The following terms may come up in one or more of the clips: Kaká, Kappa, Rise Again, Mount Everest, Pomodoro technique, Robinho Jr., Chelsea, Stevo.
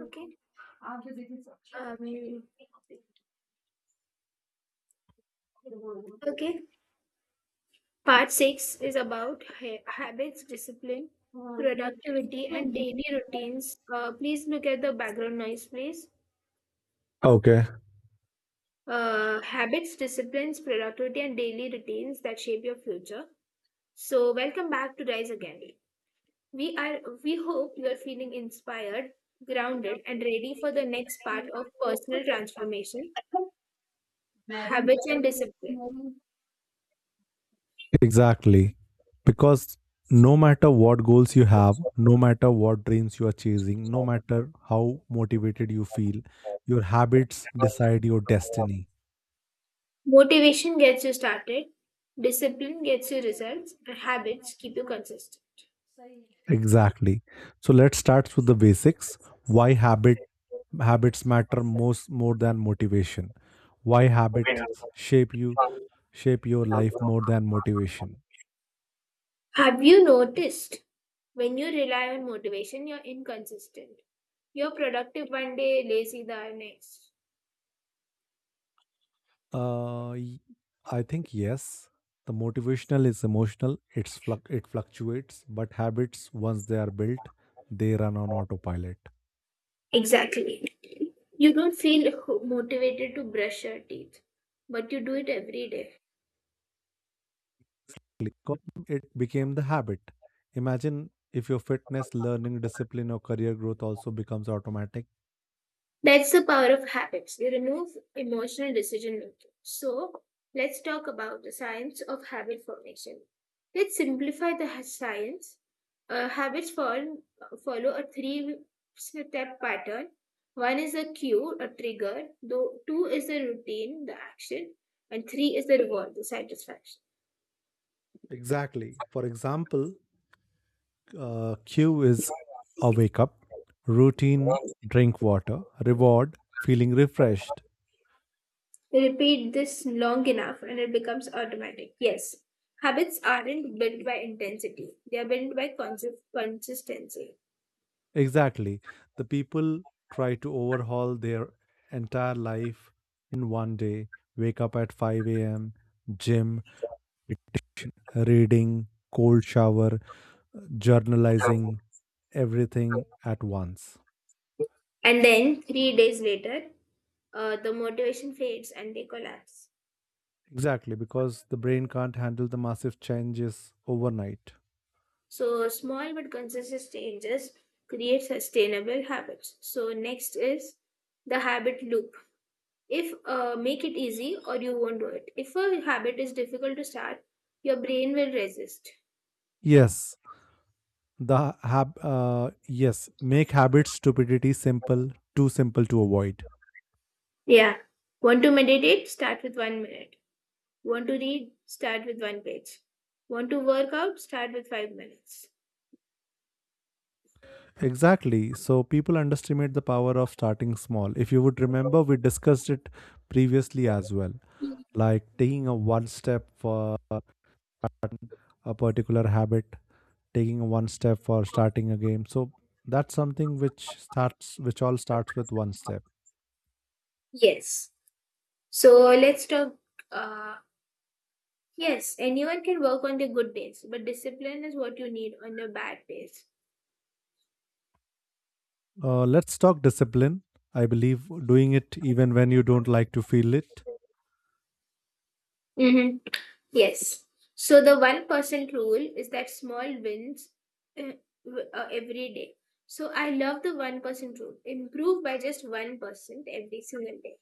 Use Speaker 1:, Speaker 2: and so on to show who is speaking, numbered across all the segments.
Speaker 1: Okay. Um, okay. Part six is about habits, discipline, productivity, and daily routines. Please look at the background noise, please.
Speaker 2: Okay,
Speaker 1: Habits, disciplines, productivity, and daily routines that shape your future. So, welcome back to Rise Again. We hope you are feeling inspired, grounded, and ready for the next part of personal transformation, habits, and discipline.
Speaker 2: exactly. Because no matter what goals you have, no matter what dreams you are chasing, no matter how motivated you feel, your habits decide your destiny.
Speaker 1: Motivation gets you started, discipline gets you results, and habits keep you consistent.
Speaker 2: Exactly. So let's start with the basics. Why habits matter most more than motivation? Why habits shape your life more than motivation?
Speaker 1: Have you noticed when you rely on motivation, you're inconsistent? You're productive one day, lazy the next.
Speaker 2: Uh, y- I think yes. The motivational is emotional. It fluctuates, but habits once they are built, they run on autopilot.
Speaker 1: Exactly. You don't feel motivated to brush your teeth, but you do it every day.
Speaker 2: Because it became the habit. Imagine if your fitness, learning, discipline, or career growth also becomes automatic.
Speaker 1: That's the power of habits. They remove emotional decision making. So, let's talk about the science of habit formation. Let's simplify the science. Habits follow a three step pattern. One is a cue, a trigger, though, two is the routine, the action, and three is the reward, the satisfaction.
Speaker 2: Exactly. For example, Q is a wake up, routine, drink water, reward, feeling refreshed.
Speaker 1: They repeat this long enough and it becomes automatic. Yes, habits aren't built by intensity, they are built by consistency.
Speaker 2: Exactly. The people try to overhaul their entire life in one day. Wake up at 5 a.m., gym, meditation, reading, cold shower, journalizing, everything at once.
Speaker 1: And then three days later, the motivation fades and they collapse.
Speaker 2: Exactly, because the brain can't handle the massive changes overnight.
Speaker 1: So small but consistent changes create sustainable habits. So next is the habit loop. If Make it easy or you won't do it. If a habit is difficult to start, your brain will resist.
Speaker 2: Yes, the hab- uh, yes, make habit stupidity simple, too simple to avoid.
Speaker 1: Yeah. Want to meditate? Start with one minute. Want to read? Start with one page. Want to work out? Start with five minutes.
Speaker 2: Exactly. So people underestimate the power of starting small. If you would remember, we discussed it previously as well, like taking a one step for a particular habit, taking one step or starting a game. So that's something which all starts with one step.
Speaker 1: Yes. So uh, Yes, anyone can work on their good days, but discipline is what you need on your bad days.
Speaker 2: Let's talk discipline. I believe doing it even when you don't like to feel it.
Speaker 1: Mm-hmm. Yes. So the 1% rule is that small wins uh, every day. So I love the 1% rule. Improve by just 1% every single day.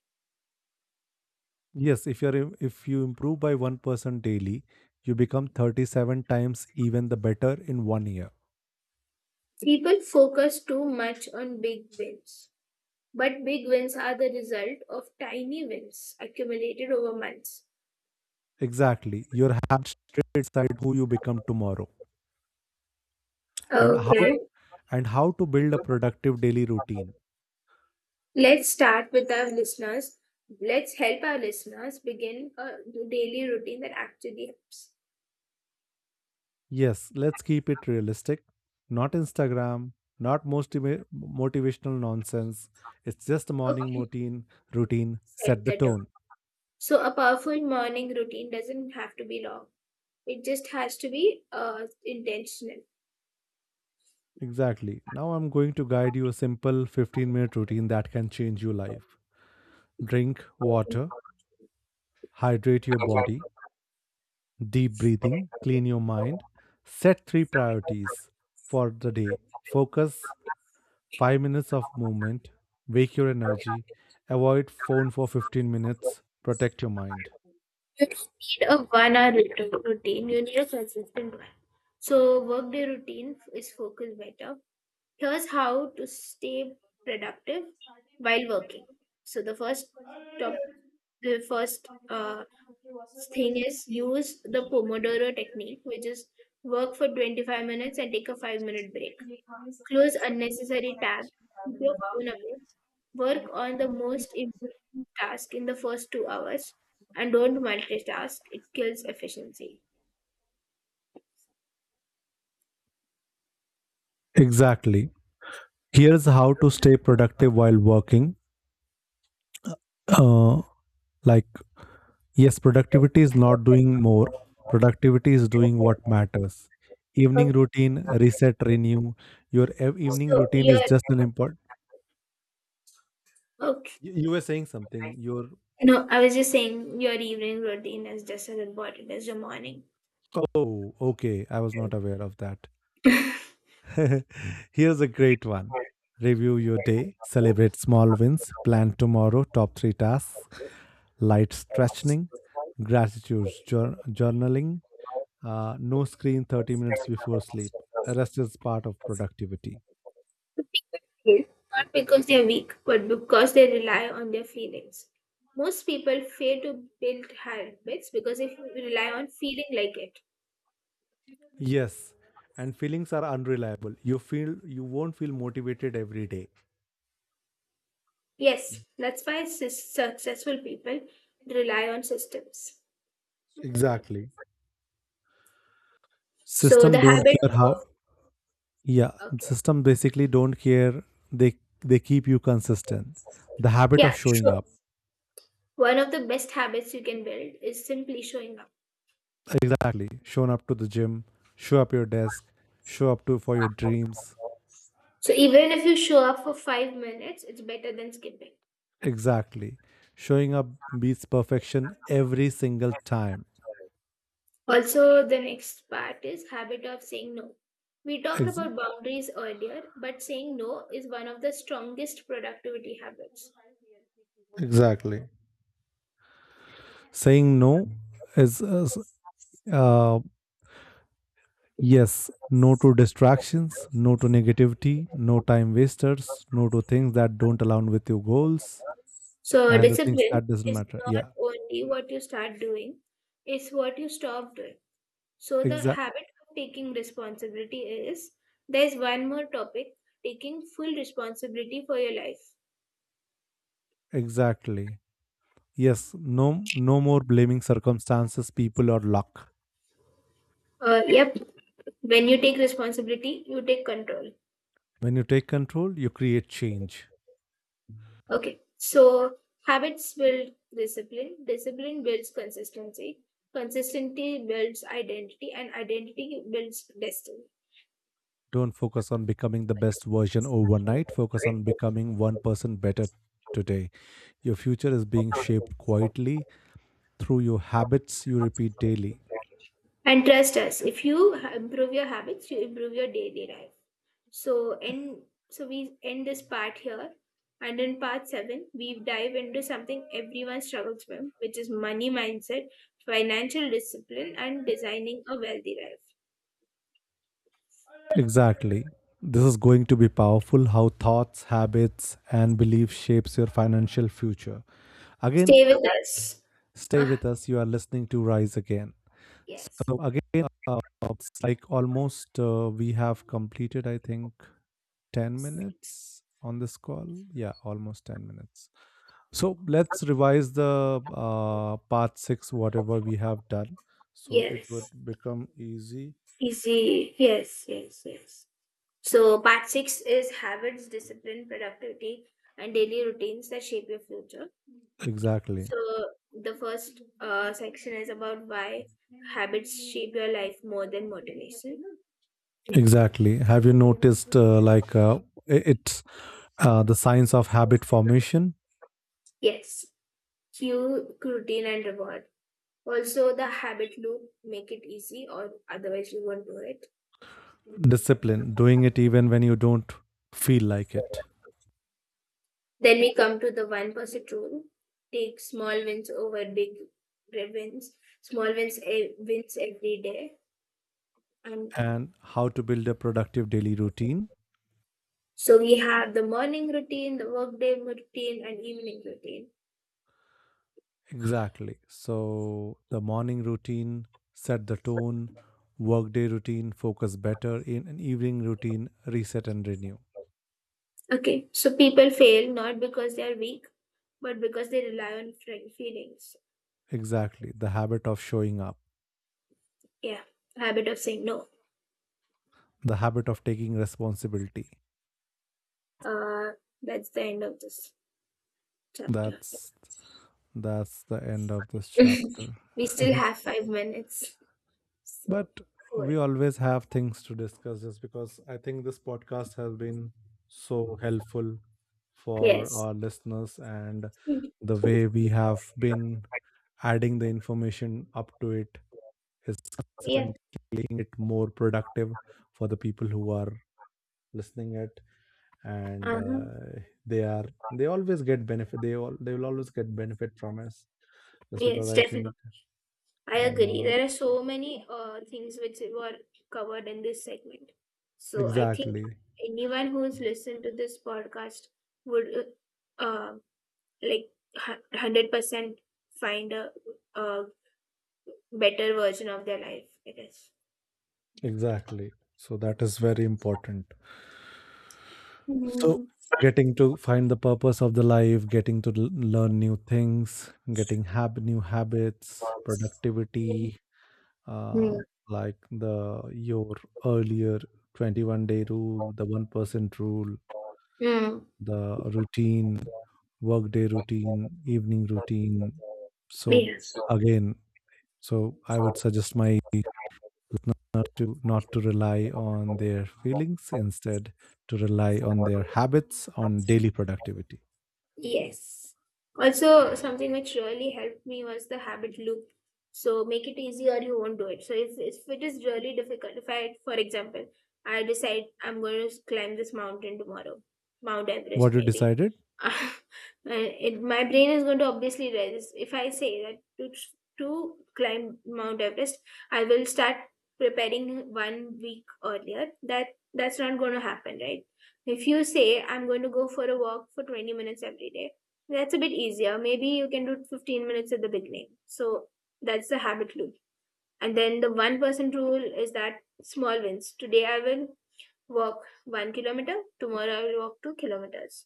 Speaker 2: Yes, if you improve by 1% daily, you become 37 times even the better in one year.
Speaker 1: People focus too much on big wins, but big wins are the result of tiny wins accumulated over months.
Speaker 2: Exactly, your habits decide who you become tomorrow. and how
Speaker 1: Okay.
Speaker 2: and how to build a productive daily routine?
Speaker 1: Let's start with our listeners. Let's help our listeners begin a daily routine that actually helps.
Speaker 2: Yes, let's keep it realistic. Not Instagram, not most motivational nonsense. It's just a morning
Speaker 1: Okay,
Speaker 2: routine,
Speaker 1: set
Speaker 2: set the
Speaker 1: the tone.
Speaker 2: tone.
Speaker 1: So, a powerful morning routine doesn't have to be long, it just has to be intentional.
Speaker 2: Exactly. Now I'm going to guide you a simple 15-minute routine that can change your life. Drink water, hydrate your body, deep breathing, clean your mind, set three priorities for the day. Focus 5 minutes of movement, wake your energy, avoid phone for 15 minutes, protect your mind.
Speaker 1: You don't need a one hour routine, you need a consistent one. So, workday routine is focused better. Here's how to stay productive while working. So, top, the first thing is use the Pomodoro technique, which is work for 25 minutes and take a 5-minute break. Close unnecessary tabs, keep your phone away, work on the most important task in the first two hours, and don't multitask. It kills efficiency.
Speaker 2: Exactly. Here's how to stay productive while working. Uh, like, yes, productivity is not doing more, productivity is doing what matters.
Speaker 1: Okay,
Speaker 2: Evening routine, reset, renew. Your evening
Speaker 1: so
Speaker 2: routine
Speaker 1: your
Speaker 2: is just an important.
Speaker 1: okay.
Speaker 2: You were saying something. Your
Speaker 1: No, I was just saying your evening routine is just as important as your morning.
Speaker 2: Oh, okay. I was not aware of that. Here's a great one. Review your day, celebrate small wins, plan tomorrow, top three tasks, light stretching, gratitude journaling. No screen 30 minutes before sleep. Rest is part of productivity.
Speaker 1: Guilt, not because they are weak, but because they rely on their feelings. Most people fail to build habits because they rely on feeling like it.
Speaker 2: Yes, and feelings are unreliable. You won't feel motivated every day.
Speaker 1: Yes, that's why successful people rely on systems.
Speaker 2: Exactly.
Speaker 1: So the
Speaker 2: System don't
Speaker 1: habit
Speaker 2: care how.
Speaker 1: of
Speaker 2: Yeah,
Speaker 1: okay,
Speaker 2: system basically don't care. They keep you consistent. The habit
Speaker 1: yeah,
Speaker 2: of showing
Speaker 1: sure.
Speaker 2: up.
Speaker 1: One of the best habits you can build is simply showing up.
Speaker 2: Exactly. Shown up to the gym, show up your desk, show up to for your dreams.
Speaker 1: So even if you show up for five minutes, it's better than skipping.
Speaker 2: Exactly. Showing up beats perfection every single time.
Speaker 1: Also, the next part is habit of saying no. We talked
Speaker 2: Ex-
Speaker 1: about boundaries earlier, but saying no is one of the strongest productivity habits.
Speaker 2: Exactly. Saying no is, uh, yes, no to distractions, no to negativity, no time wasters, no to things that don't align with your goals
Speaker 1: So,
Speaker 2: and the things
Speaker 1: discipline,
Speaker 2: that doesn't matter.
Speaker 1: not
Speaker 2: Yeah,
Speaker 1: only what you start doing, is what you stop doing. So,
Speaker 2: exact,
Speaker 1: there's one more topic: taking full responsibility for your life.
Speaker 2: exactly. Yes, no, no more blaming circumstances, people, or luck.
Speaker 1: Yep, when you take responsibility, you take control.
Speaker 2: When you take control, you create change.
Speaker 1: Okay, so habits build discipline, discipline builds consistency, consistency builds identity, and identity builds destiny.
Speaker 2: Don't focus on becoming the best version overnight. Focus on becoming one person better today. Your future is being shaped quietly through your habits you repeat daily.
Speaker 1: And trust us, if you improve your habits, you improve your daily life. So, and so we end this part here. And in part seven, we dive into something everyone struggles with, which is money mindset, financial discipline, and designing a wealthy life.
Speaker 2: Exactly. This is going to be powerful how thoughts, habits and beliefs shapes your financial future. Again,
Speaker 1: Stay with us.
Speaker 2: stay
Speaker 1: Ah,
Speaker 2: with us. You are listening to Rise Again.
Speaker 1: yes.
Speaker 2: So again, it's like almost we have completed I think 10 minutes on this call. Yeah, almost 10 minutes. So let's revise the part six, whatever we have done. So it
Speaker 1: Yes.
Speaker 2: would become easy.
Speaker 1: Easy. Yes, yes, yes. So, part six is habits, discipline, productivity, and daily routines that shape your future.
Speaker 2: Exactly.
Speaker 1: So, the first section is about why habits shape your life more than motivation.
Speaker 2: Exactly. Have you noticed like it's the science of habit formation,
Speaker 1: Yes, cue, routine, and reward. Also, the habit loop: make it easy, or otherwise, you won't do it.
Speaker 2: discipline, doing it even when you don't feel like it,
Speaker 1: Then we come to the 1% rule: take small wins over big wins, small wins, wins every day and.
Speaker 2: and how to build a productive daily routine?
Speaker 1: So we have the morning routine, the workday routine, and evening routine.
Speaker 2: Exactly. So the morning routine, set the tone, workday routine, focus better, in an evening routine, reset and renew.
Speaker 1: Okay, so people fail not because they are weak, but because they rely on feelings.
Speaker 2: Exactly. The habit of showing up,
Speaker 1: Yeah, habit of saying no.
Speaker 2: the habit of taking responsibility.
Speaker 1: Uh, that's the end of this chapter.
Speaker 2: That's that's the end of this chapter.
Speaker 1: We still have five minutes. So
Speaker 2: But
Speaker 1: four.
Speaker 2: we always have things to discuss, just because I think this podcast has been so helpful for
Speaker 1: Yes.
Speaker 2: our listeners, and the way we have been adding the information up to it is
Speaker 1: Yeah.
Speaker 2: consistent, making it more productive for the people who are listening it and
Speaker 1: Uh huh.
Speaker 2: they are they always get benefit, they will always get benefit from us just because
Speaker 1: Yes,
Speaker 2: I
Speaker 1: definitely.
Speaker 2: think
Speaker 1: I agree.
Speaker 2: uh,
Speaker 1: There are so many things which were covered in this segment. So I think
Speaker 2: exactly,
Speaker 1: anyone who's listened to this podcast would uh, uh, like 100% find a better version of their life, I guess.
Speaker 2: exactly. So that is very important. So
Speaker 1: Mm.
Speaker 2: getting to find the purpose of the life, getting to learn new things, getting new habits,
Speaker 1: Mm.
Speaker 2: productivity, um, like the your earlier 21-day rule, the 1% rule,
Speaker 1: Mm.
Speaker 2: the routine, workday routine, evening routine. So
Speaker 1: Yeah.
Speaker 2: again, so I would suggest my not to rely on their feelings, instead to rely on their habits, on daily productivity.
Speaker 1: Yes. Also, something which really helped me was the habit loop. So make it easier, you won't do it. So if it is really difficult, if I, for example, I decide I'm going to climb this mountain tomorrow, Mount Everest
Speaker 2: What you
Speaker 1: maybe.
Speaker 2: decided?
Speaker 1: Uh, my brain is going to obviously resist. If I say that to climb Mount Everest, I will start preparing one week earlier. That that's not going to happen, right? If you say, I'm going to go for a walk for 20 minutes every day, that's a bit easier. Maybe you can do 15 minutes at the beginning. So that's the habit loop. And then the one person rule is that small wins. Today I will walk one kilometer, tomorrow I will walk two kilometers,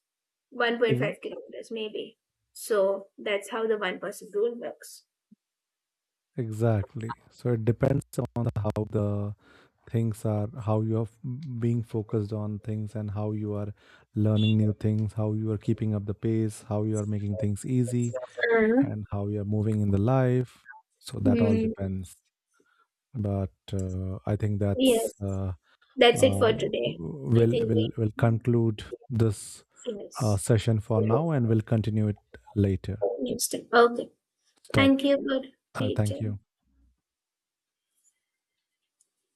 Speaker 1: 1.5
Speaker 2: Ex-
Speaker 1: kilometers, maybe. So that's how the one person rule works.
Speaker 2: exactly. So it depends on how the things are, how you are being focused on things, and how you are learning new things, how you are keeping up the pace, how you are making things easy,
Speaker 1: Mm.
Speaker 2: and how you are moving in the life. So that all
Speaker 1: Mm,
Speaker 2: depends. But I think that's
Speaker 1: yes, that's it
Speaker 2: uh,
Speaker 1: for today. I
Speaker 2: will
Speaker 1: think we
Speaker 2: will will conclude this
Speaker 1: have finished.
Speaker 2: session for now, and we'll continue it later.
Speaker 1: Okay,
Speaker 2: Stop.
Speaker 1: thank you for
Speaker 2: Thank
Speaker 1: teaching.
Speaker 2: you.